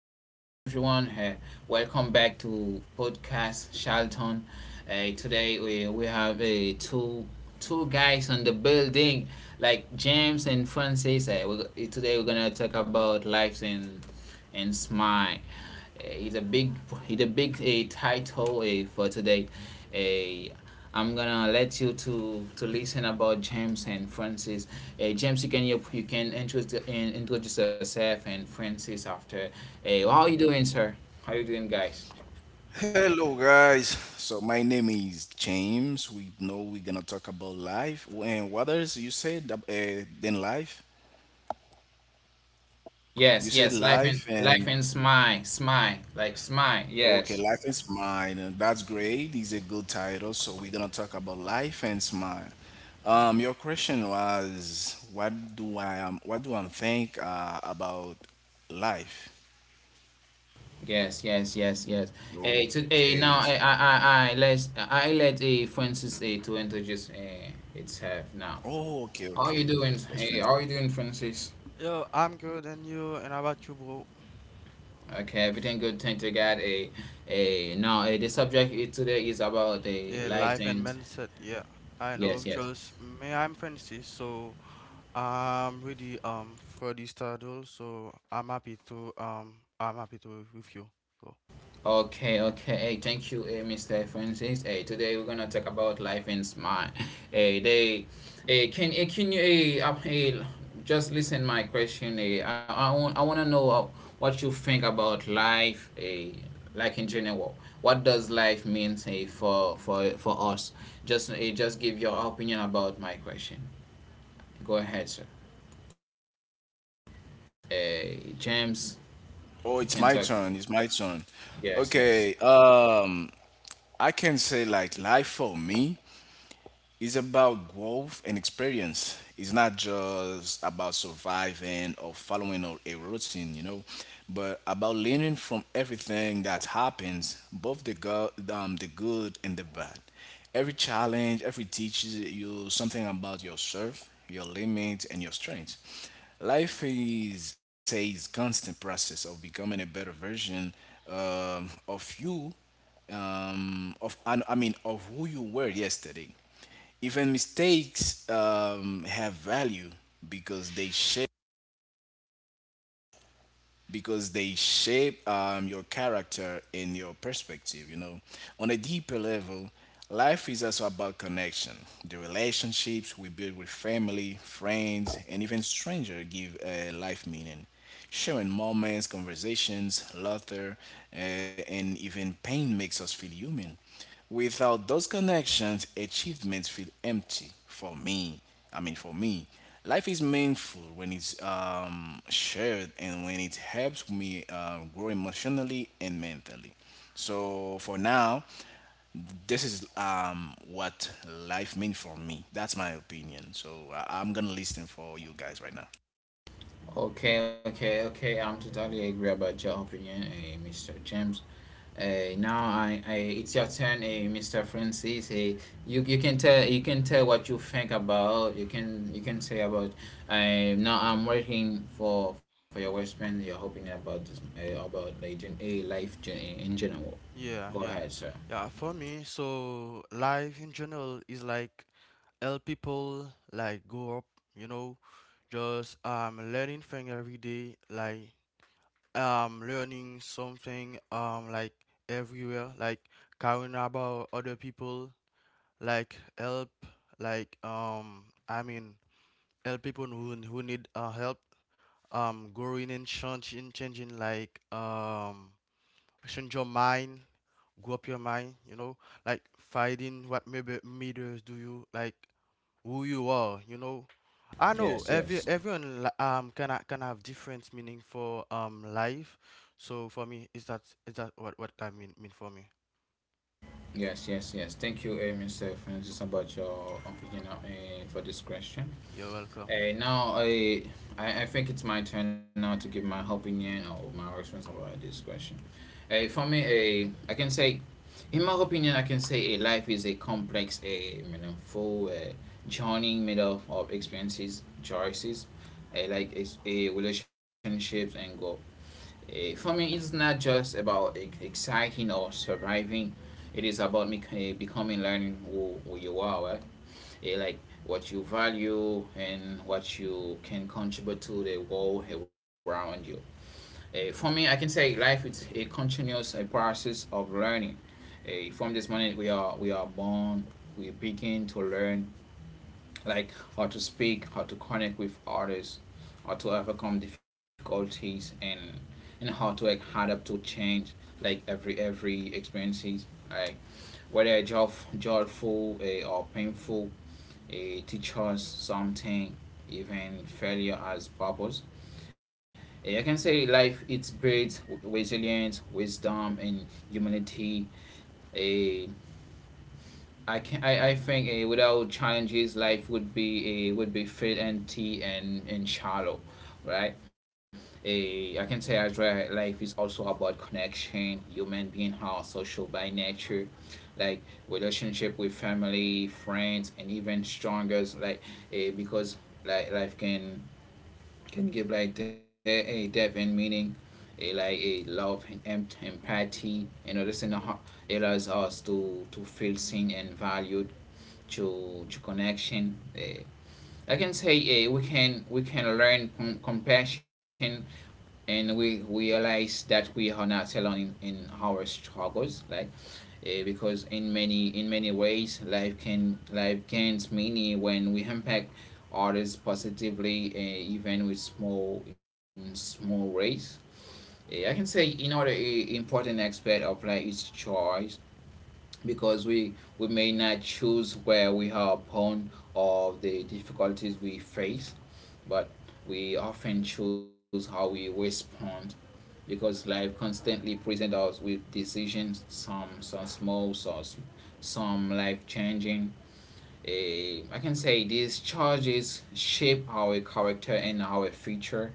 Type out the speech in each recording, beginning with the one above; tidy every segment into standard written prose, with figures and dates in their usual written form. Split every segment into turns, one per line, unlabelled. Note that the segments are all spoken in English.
what's up, everyone? Hey, welcome back to podcast Charlton. Hey, today we have two guys on the building, like James and Francis. Hey, we, today we're gonna talk about lives in and smile. It's it's a big a title a for today. Ai am gonna let you to listen about James and Francis. James, you can you can introduce yourself and Francis after. How you
Okay.
doing, sir? How you doing, guys? Yes, yes. Life and life and smile, smile, like smile. Yes. Yes, yes, yes, yes. Now I let Francis to introduce itself now. How are you doing? Hey, how are you doing, Francis?
Yo, I'm good, and how about you, bro?
Okay, everything good. Thank you, God. Now the subject today is about the
Yeah,
life
life and
and
mindset. Yeah, I know.
yes, yes.
Just me, I'm Francis, so I'm ready. For this title, so I'm happy to be with you. So
Okay, okay. Hey, thank you, Mr. Francis. Hey, today we're gonna talk about life in smart. Hey, they, hey, can, can you, hey, hey, just listen my question. Hey, I wanna know what you think about life. Hey, like in general, what does life mean, hey, for us? Just, hey, just give your opinion about my question. Go ahead, sir. Hey, James, you can talk. Yes, yes. Okay, okay, okay. I'm totally agree about your opinion, Mr. James. It's your turn, Mr. Francis. You can tell what you think about. You can say about. Now I'm waiting for your response. Your opinion about this about like life in general. Go
yeah,
ahead,
yeah,
sir.
yeah. For me, so life in general is like help people like grow up, you know, just learning thing every day, like learning something like everywhere, like caring about other people, like help like I mean help people who need help, growing and changing, like change your mind, grow up your mind, like finding what maybe meters do you like, who you are. I
Yes,
know
yes,
everyone can have different meaning for life, so for me is that what I mean for me.
yes. Thank you, Mr. Francis, about your opinion for this question.
You're welcome.
Hey, now I think it's my turn now to give my opinion or my experience about this question. Hey, for me, I can say, in my opinion, I can say a life is a complex, a meaningful journey made up of experiences, choices, like relationships and goal. For me, it's not just about exciting or surviving. It is about me, becoming, learning who you are. Like what you value and what you can contribute to the world around you. For me, I can say life is a continuous process of learning. From this moment, we are born. We begin to learn like how to speak, how to connect with others, how to overcome difficulties, and how to like, adapt to change. Like every experiences, like whether joyful or painful, it teaches us something. Even failure has purpose. I can say life it breeds resilience, wisdom, and humanity. A I can I, I think A without challenges life would be a would be fade, empty, and shallow, right? A I can say as well, life is also about connection. Human being are social by nature, like relationship with family, friends, and even stronger's Like because like life can give like a depth and meaning, a like a love and empathy. You know, this in the heart allows us to feel seen and valued to connection. Eh. I can say we can learn compassion, and we realize that we are not alone in our struggles. Like because in many ways life can life gains meaning when we impact others positively even with small in small ways. I can say another important aspect of life is choice, because we may not choose where we are born or the difficulties we face, but we often choose how we respond, because life constantly presents us with decisions, some small, some life changing. I can say these charges shape our character and our future.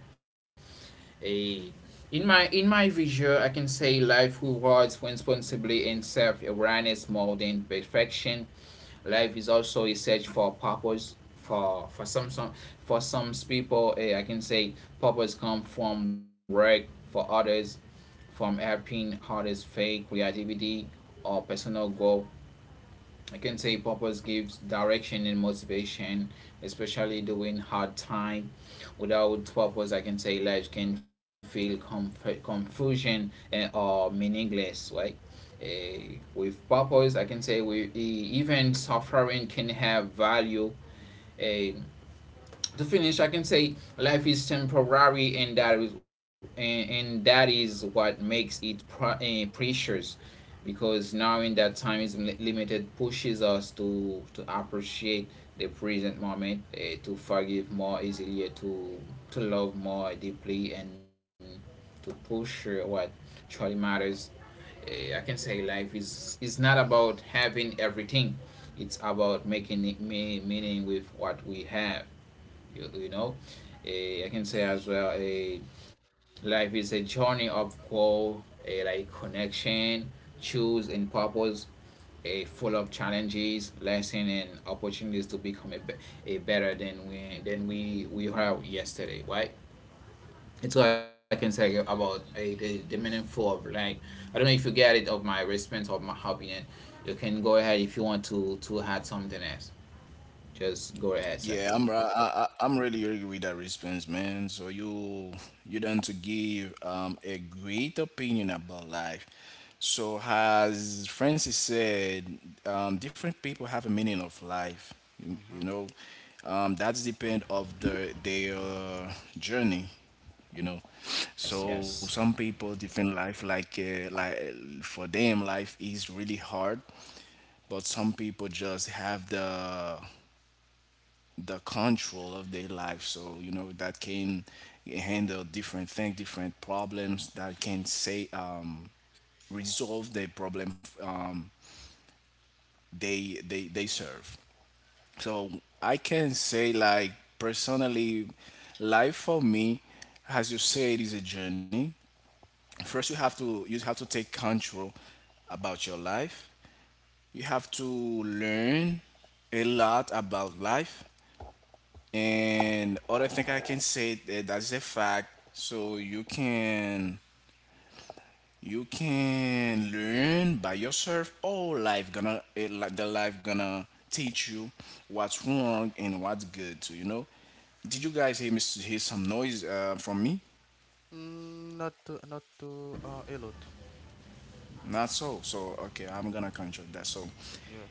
Eh, in my vision, I can say life rewards responsibility and self awareness more than perfection. Life is also a search for purpose. For for some some for some people, I can say purpose comes from work. For others, from helping others, fake creativity or personal goal. I can say purpose gives direction and motivation, especially during hard time. Without purpose, I can say life can feel confusion and, or meaningless, right? With purpose, I can say even suffering can have value. Eh, to finish, I can say life is temporary, and that is what makes it precious. Because knowing that time is limited pushes us to appreciate the present moment, to forgive more easily, to love more deeply, and to push what truly matters. I can say life is not about having everything; it's about making it meaning with what we have, you know. I can say as well a life is a journey of growth, a like connection, choose and purpose, a full of challenges, lessons, and opportunities to become a better than we have yesterday, right? That's all I can say about the meaningful of life. I don't know if you get it of my response or my opinion. You can go ahead if you want to add something else. Just go ahead, sir.
Mm-hmm.
Yes, yes.
Mm, not to a lot. Yeah.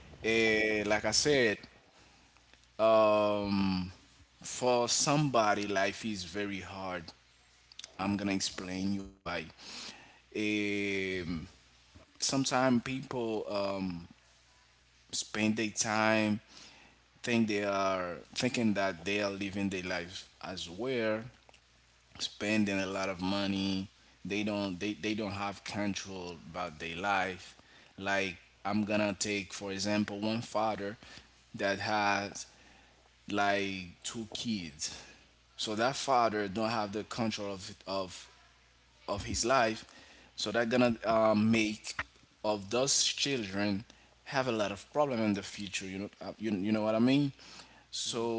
Yeah,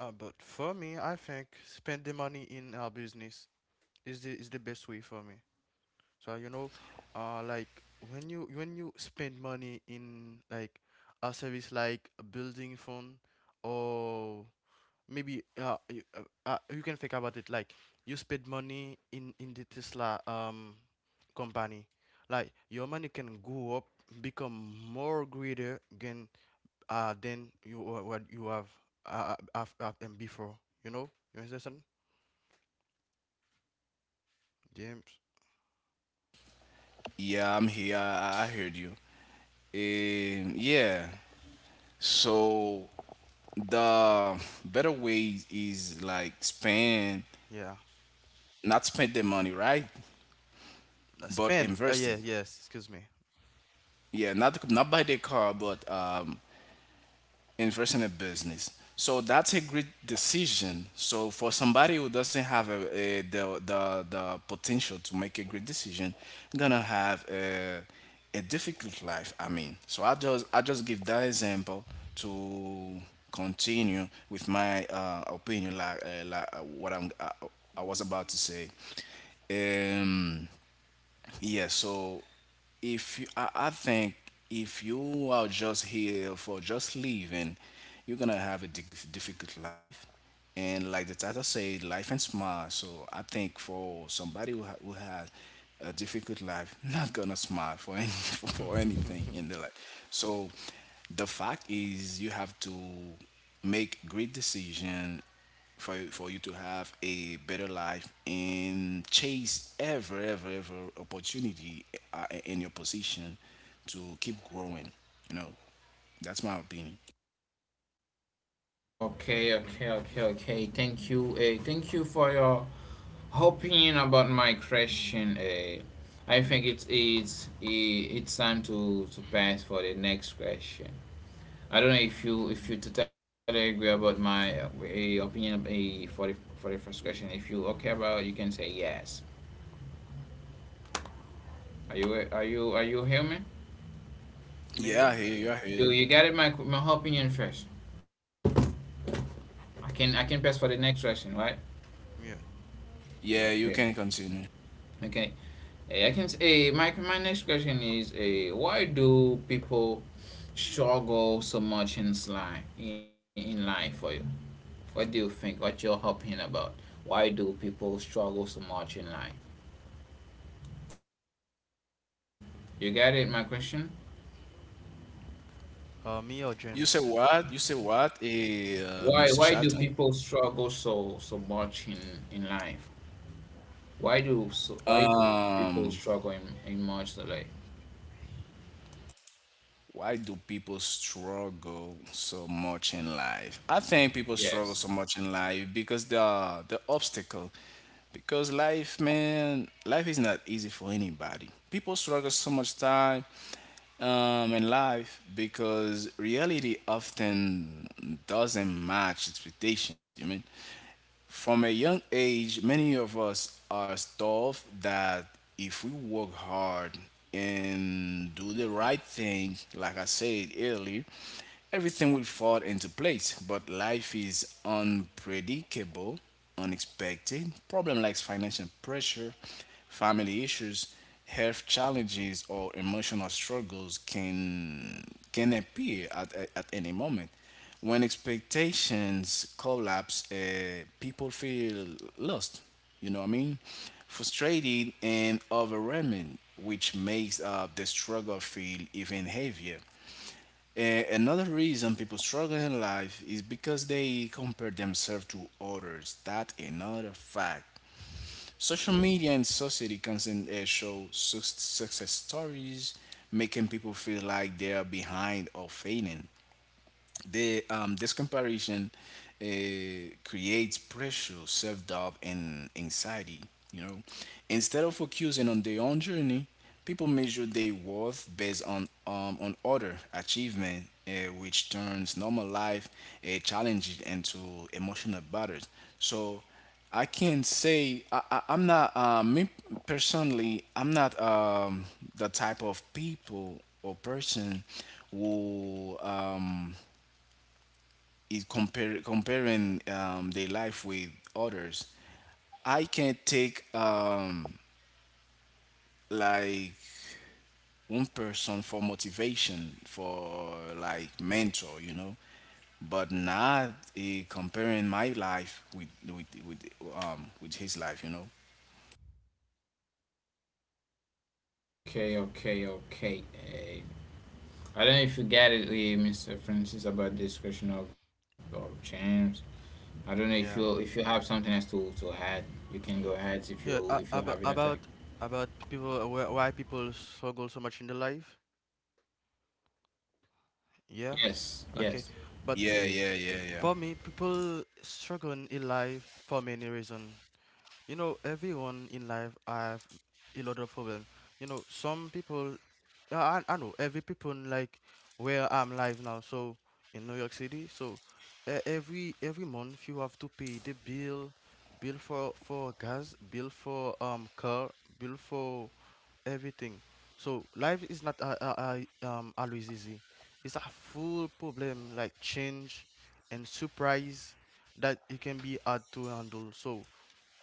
but for me I think spend the money in our business is the best way for me. So like, when you spend money in like a service like a building fund, or maybe you can think about it like, you spend money in the Tesla company, like your money can go up, become more greater than what you have after and before. You know, you understand, James? Yeah. Spend Oh yeah, yes, excuse me.
Okay, okay, okay, okay. Thank you. Thank you for your opinion about my question. I think it's it's time to pass for the next question. I don't know if you totally agree about my opinion for the first question. If you okay about, you can say yes. Are you are you are you hear me?
me Yeah.
You got it. My opinion first. I can pass for the next question, right?
Yeah,
Okay. Okay. I can say, my next question is, why do people struggle so much in life for you? What do you think? What your opinion about? Why do people struggle so much in life? You get it, my question?
me or James?
Why do people struggle so much in life? Why do people struggle in much life? Yes. Okay, okay, okay. I don't know if you get it, Mr. Francis, about this question of champs. I don't know if
Yeah.
you have something else to add. You can go ahead if
Yeah,
you have anything.
about people, why people struggle so much in their life. Yeah,
Yes,
okay.
yes.
But
yes.
for me, people struggle in life for many reasons. Everyone in life have a lot of problem. Some people, yeah, I know every people, like where I'm live now, so in New York City. So every month you have to pay the bill, for gas, bill for car, bill for everything. So life is not always easy. It's a full problem like change and surprise that it can be hard to handle. So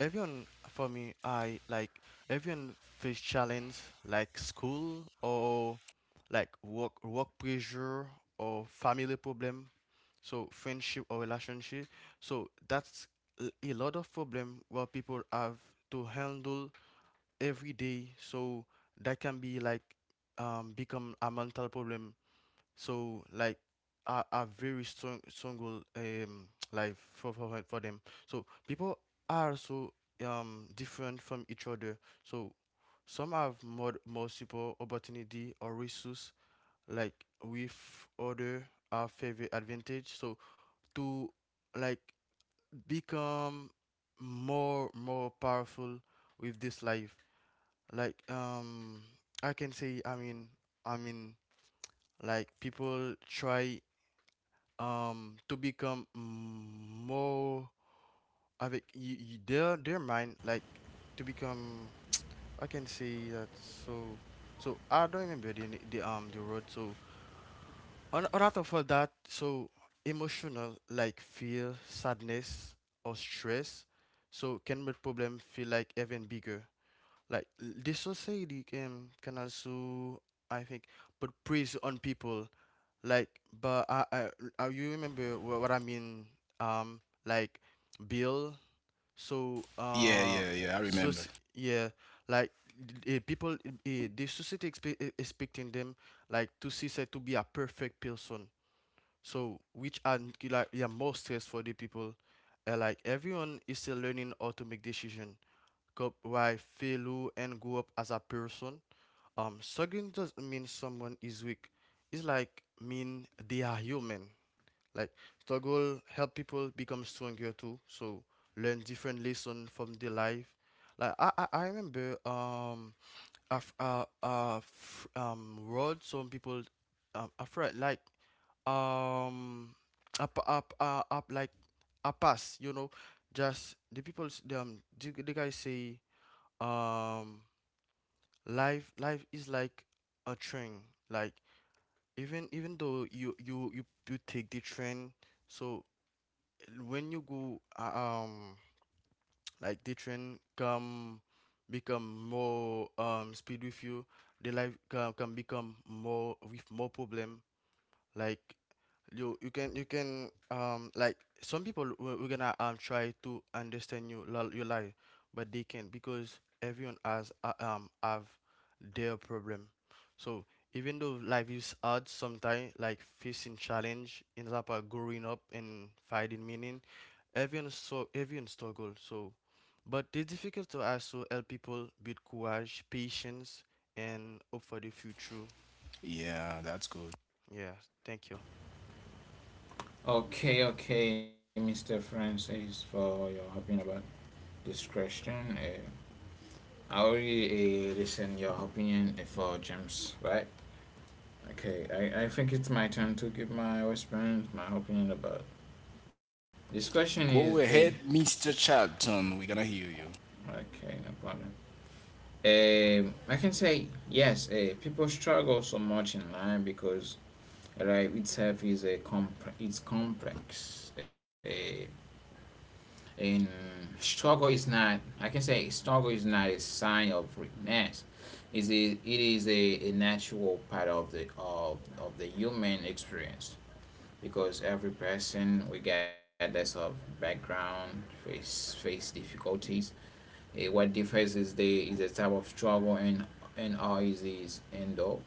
everyone, for me, I like everyone face challenge like school, or like work pressure, or family problem, so friendship or relationship. So that's a lot of problem what people have to handle every day. So that can be like, become a mental problem, so like, are very strong goal, life for them. So people are so different from each other, so some have more support, opportunity or resource, like with other are favorite advantage. So to, like, become more powerful with this life, like, I can say I mean like people try to become, more, avec their mind, like to become, I can say that. So I don't remember the word. So on top of all that, so emotional like fear, sadness or stress so can make problem feel like even bigger. Like, the society can also, I think, put praise on people, like, but I you remember what I mean, like bill. So so yeah, like, people, the society expecting them, like to see said to be a perfect person. So which are like, yeah, more stress for the people. Like, everyone is still learning how to make decision, cope why failure and grow up as a person. Struggling doesn't mean someone is weak. It's like mean they are human. Like, struggle help people become stronger too. So learn different lesson from their life. Like I remember a road. Some people, afraid, like, um up up uh, up, like a pass, you know, just the people, the guy say, um life, is like a train. Like, even though you take the train, so when you go, like the train come, become more speed with you, the life can become more with more problem. Like you can, like, some people, we're gonna try to understand you, your life, but they can't because everyone has have their problem. So even though life is hard sometimes, like facing challenge ends up growing up and finding meaning. Everyone, so everyone struggle, so but it's difficult to also help people build courage, patience and hope for the future. Yeah, thank you.
Okay, okay, Mr. Francis, for your opinion about this question. I already listened your opinion for James, right? Okay, I think it's my turn to give my response, my opinion about this question. Is it okay? No problem. I can say yes. People struggle so much in life because life itself is it's complex. And struggle is not. I can say struggle is not a sign of weakness. Is it? It is a natural part of the of the human experience, because every person, regardless of background, face difficulties. What differs is the type of struggle and how easy is and all.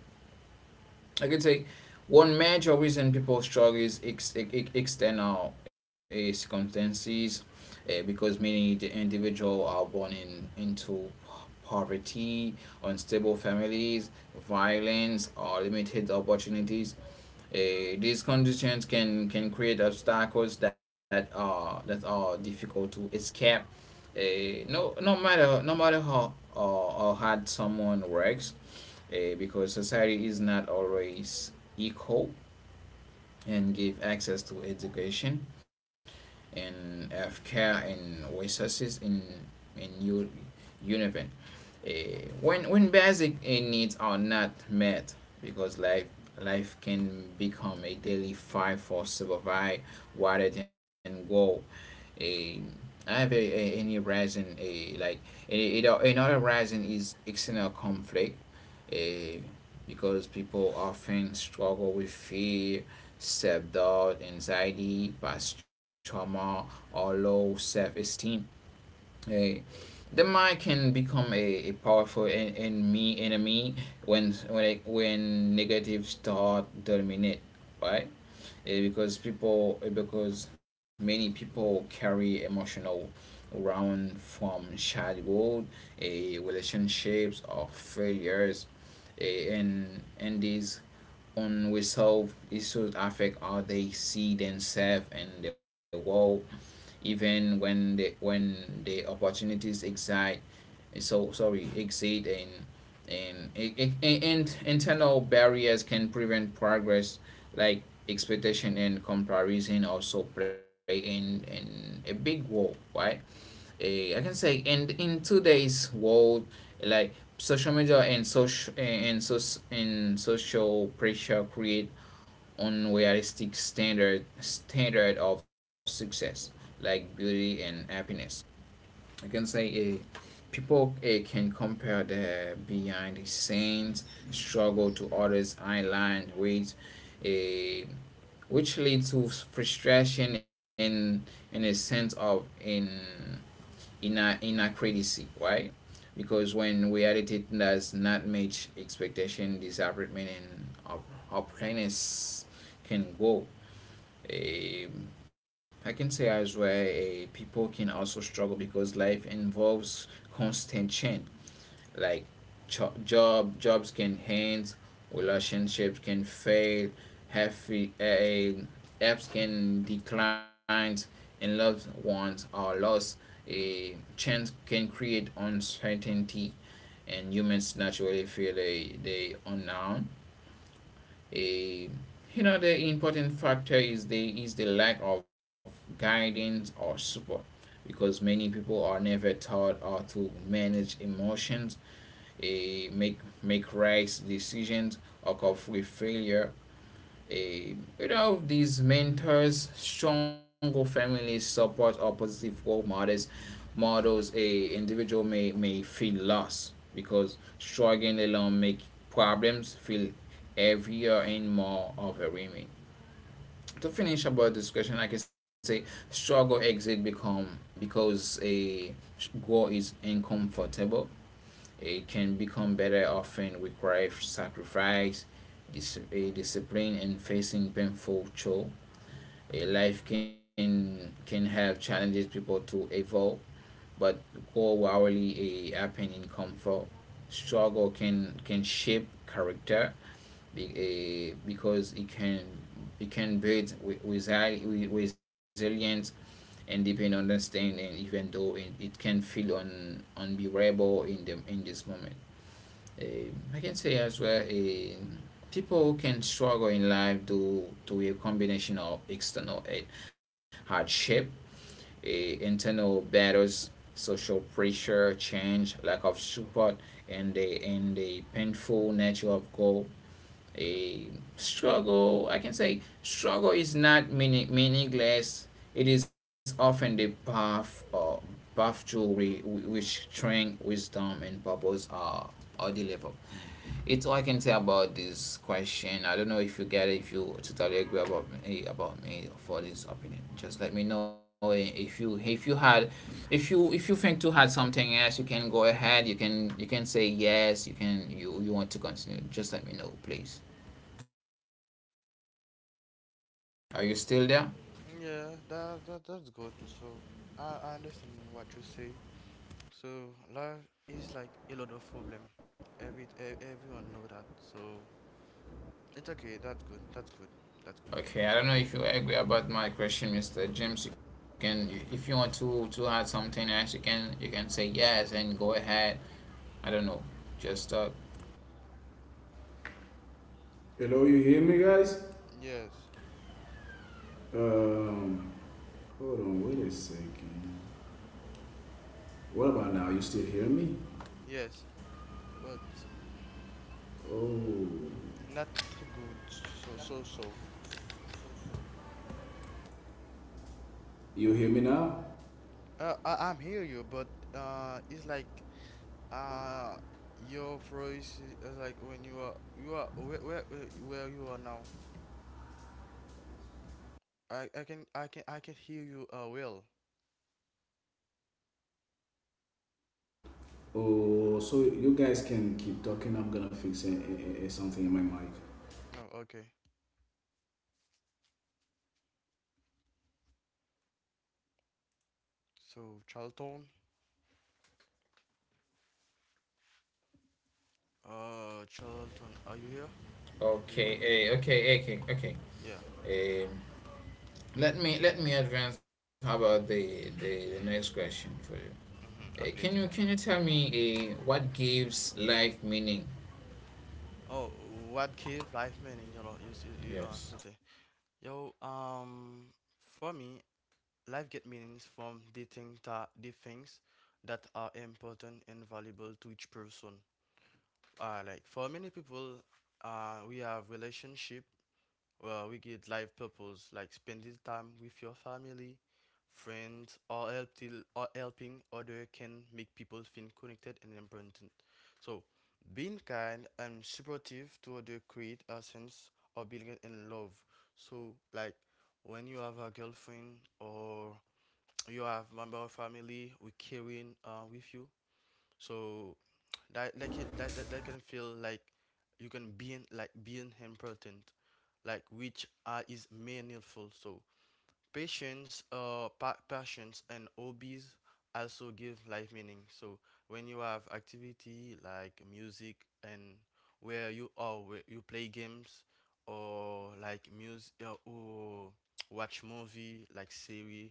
I could say one major reason people struggle is external circumstances, because many the individual are born in into poverty, unstable families, violence, or limited opportunities. These conditions can create obstacles that are difficult to escape. No matter, no matter how or hard someone works, because society is not always equal and give access to education and healthcare and resources in Univen. When basic needs are not met, because life life can become a daily fight for survival rather than goal. A I have a any reason a Like another reason is external conflict, a, because people often struggle with fear, self doubt, anxiety, past trauma, or low self esteem. A, the mind can become a powerful enemy when when negative thought dominate, right? Because people because many people carry emotional around from childhood, relationships or failures, and these unresolved issues affect how they see themselves and the world, even when the opportunities exist. So sorry exit and in internal barriers can prevent progress, like expectation and comparison also play in a big role, right? I can say, and in today's world, like social media and social and, so and social pressure create unrealistic standard of success, like beauty and happiness. I can say a people can compare the behind the scenes struggle to others island with a, which leads to frustration and in a sense of in inner criticism, right? Because when reality does not match expectation, disappointment and upness can go. um, I can say as well, people can also struggle because life involves constant change, like jobs can hence, relationships can fail, healthy apps can decline, and loved ones are lost. A chance can create uncertainty, and humans naturally feel a the unknown. A, you know, the important factor is the lack of guidance or support, because many people are never taught how to manage emotions, a make right decisions, occur with failure. A without these mentors, stronger families support or positive role models, models a individual may feel lost because struggling alone make problems feel heavier and more overwhelming. To finish about this question, I can say struggle exit become because a goal is uncomfortable. It can become better often requires sacrifice, a discipline, and facing painful chore. A life can have challenges people to evolve, but go hourly a happen in comfort. Struggle can shape character, be, a because it can, it can build resilience and deepen understanding, even though it can feel unbearable in the in this moment. I can say as well, people who can struggle in life due to a combination of external hardship, internal battles, social pressure, change, lack of support, and the painful nature of goal. A struggle, I can say, struggle is not meaning, meaningless. It is often the path or path to re, which strength, wisdom, and purpose are delivered. It's all I can say about this question. I don't know if you get it, if you totally agree about me for this opinion. Just let me know if you had, if you think to add something else, you can go ahead. You can say yes. You can you you want to continue. Just let me know, please. Are you still there?
Yeah, that's good. So I understand what you say. So life is like a lot of problem. Every everyone know that. So it's okay. That's good. That's good. That's good.
Okay, I don't know if you agree about my question, Mr. James. You can if you want to add something else, you can say yes and go ahead. I don't know. Just talk.
Hello, you hear me, guys?
Yes,
Um, hold on, wait a second. What about now? You still hear me?
yes, but
Oh,
not good. So.
you hear me now?
I'm hear you, but it's like, uh, your voice is like, when you are, where you are now. I can hear you well.
Oh, so you guys can keep talking. I'm gonna fix something in my mic.
No, okay. So, Charlton, are you here? Do you hear
Okay,
me?
hey. Okay, okay,
Yeah.
okay. Um, Let me let me advance. How about the next question for you?
Mm-hmm.
Can
Okay,
you
it's
can
okay.
you tell me what gives life meaning?
Oh, what give life meaning? You know, you see, you uh,
Yes.
you say, yo, for me, life get meanings from the thing, that the things that are important and valuable to each person. Like for many people, we have relationship, where we get life purpose, like spending time with your family, friends, or or helping other can make people feel connected and important. So, being kind and supportive to other create a sense of belonging and love. So, like, when you have a girlfriend, or you have member of family, we carrying with you. So that like it, that can feel like you can be in, like being important, like which is meaningful. So Passions and hobbies also give life meaning. So when you have activity like music, and where you are, where you play games, or like music, or watch movie like series,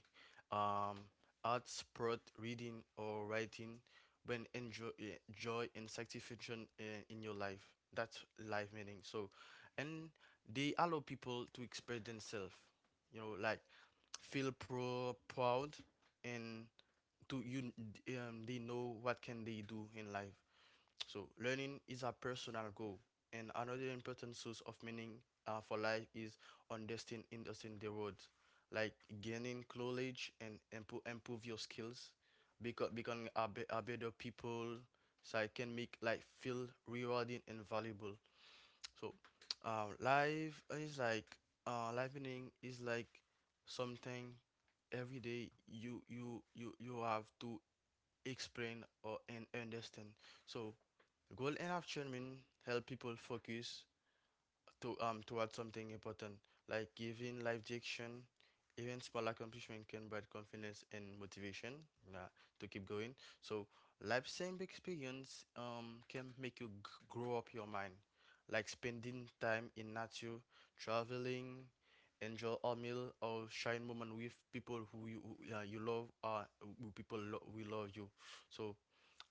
um, art, sport, reading or writing, when enjoy joy and satisfaction in your life. That's life meaning. So, and they allow people to express themselves, like feel proud, and to you, they know what can they do in life. So learning is a personal goal and another important source of meaning for life is understanding the world, like gaining knowledge and improve your skills, because becoming a better people. So I can make life feel rewarding and valuable. So, life is like, livening is like something every day you have to explain or and understand. So, goal and action mean help people focus to towards something important, like giving life direction. Even small accomplishment can provide confidence and motivation uh, to keep going. So life same experience can make you grow up your mind, like spending time in nature, traveling, enjoy a meal or shine moment with people who you love, who people, we love you. So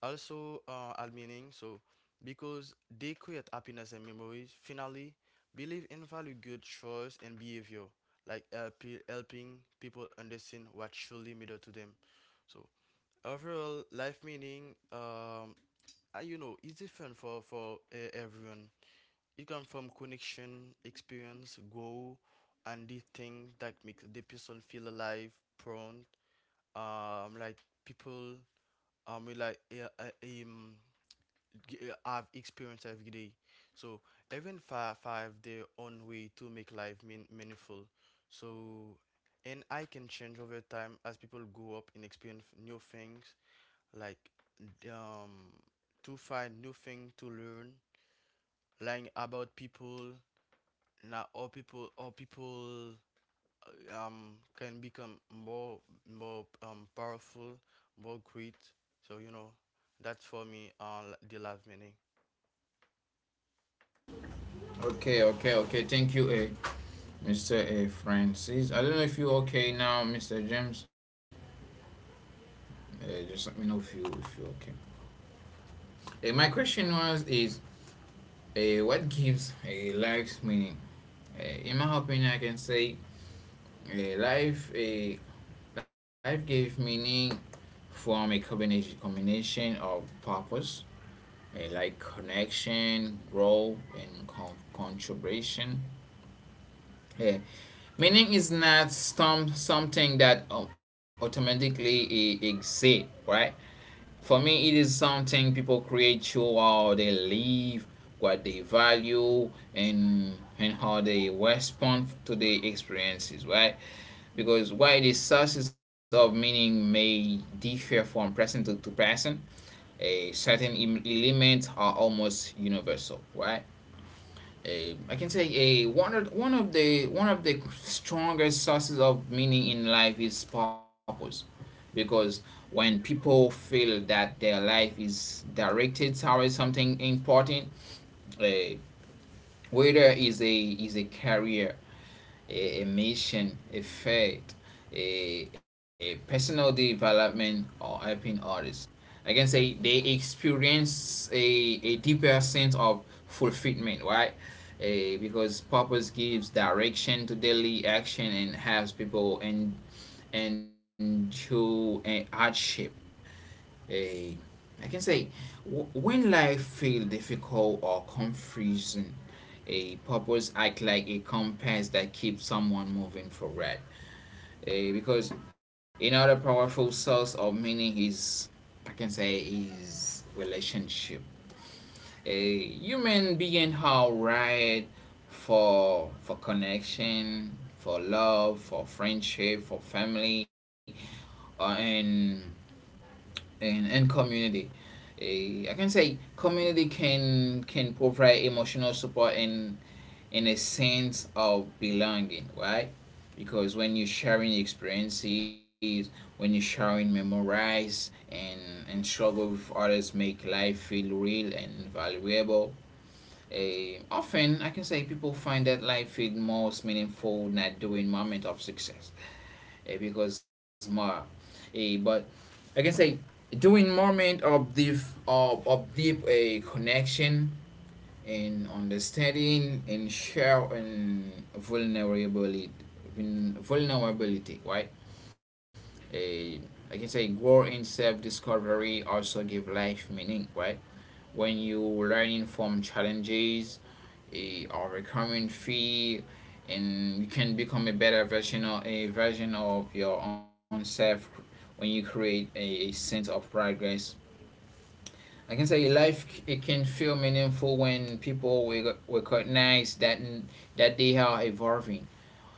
also al meaning, so because they create happiness and memories. Finally, believe in value, good choice and behavior, like helping people understand what truly matter to them. So overall, life meaning, is different for everyone. It comes from connection, experience, goal, and the thing that makes the person feel alive, prone. Like people, we g- have experienced every day. So even five their own way to make life meaningful. So, and I can change over time as people grow up and experience new things, like um to find new thing to learn, about people. Now all people can become more powerful, more great. So that's for me, the life meaning.
Okay, okay, okay. Thank you, Mr. Francis. I don't know if you're okay now, Mr. James. Just let me know if you if you're okay. My question was is what gives a life meaning? In my opinion, I can say uh, life uh, life gave meaning from a combination of purpose, like connection, growth, and contribution. Eh, Meaning is not some something that automatically exist, right? For me, it is something people create through how they live, what they value, and how they respond to the experiences, right? Because while the sources of meaning may differ from person to person, a certain elements are almost universal, right? A, I can say a one of the strongest sources of meaning in life is purpose, because when people feel that their life is directed towards something important, uh, whether is a career, a mission, a faith, a personal development, or helping others. I can say they experience a deeper sense of fulfillment, right? Because purpose gives direction to daily action and helps people and endure hardship. Uh, I can say when life feels difficult or confusing, a purpose act like a compass that keeps someone moving forward. Because another powerful source of meaning is, I can say, is relationship. A human being how right for connection, for love, for friendship, for family, uh, and, and community. I can say community can provide emotional support and a sense of belonging, right? Because when you're sharing experiences, when you're sharing memorize and and struggle with others make life feel real and valuable. Often I can say people find that life feel most meaningful not during moment of success, because more but I can say during moment of deep of deep a connection in understanding and sharing vulnerability, right? A, I can say grow in self-discovery also give life meaning, right? When you learning from challenges, overcoming fear, and you can become a better version of a version of your own self, when you create a sense of progress. I can say life it can feel meaningful when people will recognize that that they are evolving.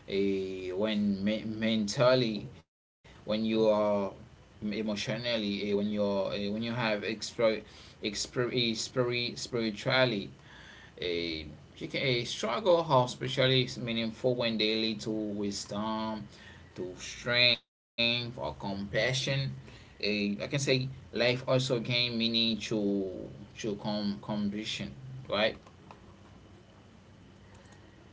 When mentally, when you are emotionally, when you have spiritually, a a struggle how especially is meaningful when they lead to wisdom, to strength or compassion. A I can say life also gain meaning to com condition, right?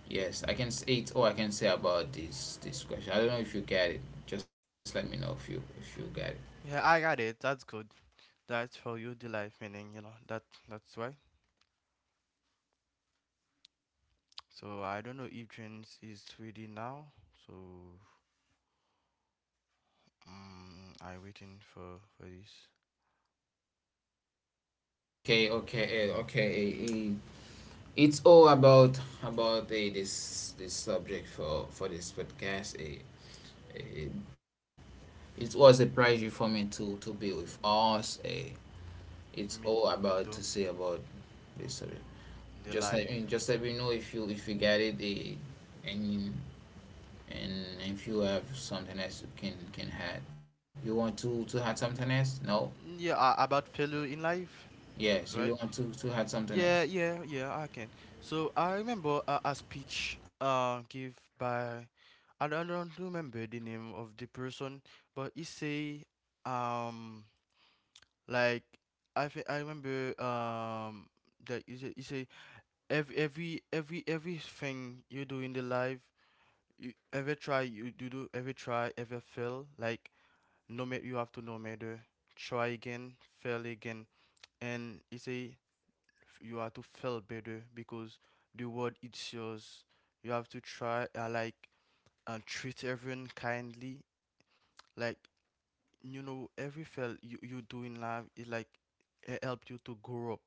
Yes, I can say it. All I can say about this this question. I don't know if you get it. Just let me know if you get it.
Yeah, I got it. That's good. That's for you the life meaning. That's why. So I don't know if James is ready now. So I waiting for this.
Okay, okay, okay. It's all about this this subject for this podcast. A. eh, It was a pleasure for me to be with us. It's
Me
all
me
about to
too.
say about this subject.
The life.
Just let me know if you get it and and if you have something else you can add. You want to add something else? No.
Yeah, about failure in life,
Yes,
right?
you want to add something else.
Yeah, yeah, yeah. I can. So I remember a speech give by, I don't remember the name of the person, but he say um like, I remember that you say, every everything you do in the life, you ever try, you do ever try, ever fail, like, no matter you have to no matter, try again, fail again. And you say, you have to fail better, because the world it's yours. You have to try, like, and treat everyone kindly, like, you know every fail you do in life is like, it help you to grow up,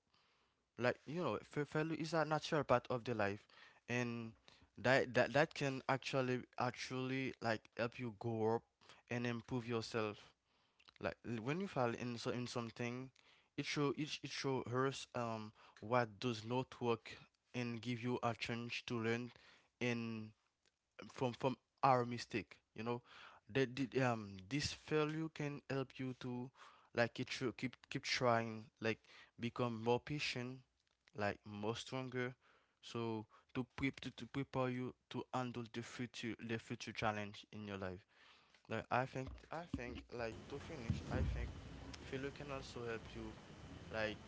like, failure is a natural part of the life, and that can actually like help you grow up and improve yourself. Like, when you fail in, so in something, it show it show us, what does not work, and give you a chance to learn and from our mistake. You know that the this failure can help you to, like, it should keep trying, like become more patient, like more stronger. So to prepare you to handle the future challenge in your life. Like I think, like to finish, I think failure can also help you, like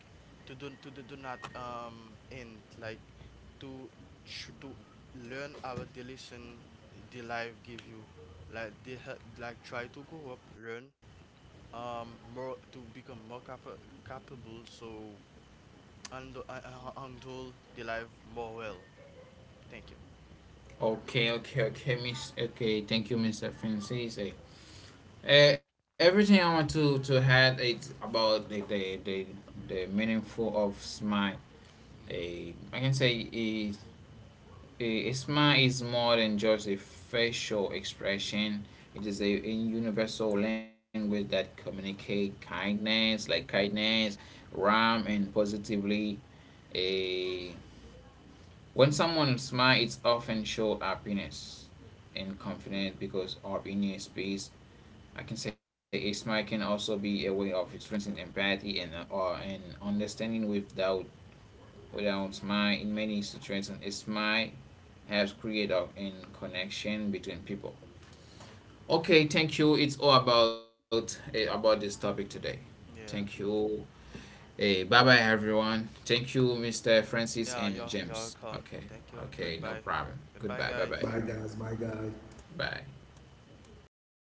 to do not end, like to to learn our the lesson, the life give you, like they help like try to go up, learn more, to become more capable. So and handle the life more well. Thank you.
Okay, okay, okay, Miss. Okay, thank you, Mr. Francis. Everything I want to add is about the meaningful of smile.
Mhm.
I can say is A, smile is more than just a facial expression. It is a universal language that communicates kindness, like kindness, warmth, and positively. A when someone smiles, it's often show happiness and
Mhm.
confidence because of inner space. I can say a smile can also be a way of expressing empathy and understanding without without my in many situations it's my helps create a in connection between people. Okay, thank you, it's all about this topic today.
Yeah.
Thank you. Hey, bye bye everyone, thank you Mr. Francis
Yeah, you're
and
you're
James.
welcome.
Okay,
Thank you. Goodbye.
okay, no problem.
Goodbye,
Goodbye,
guys.
Bye,
bye bye
guys. Bye, guys.
bye.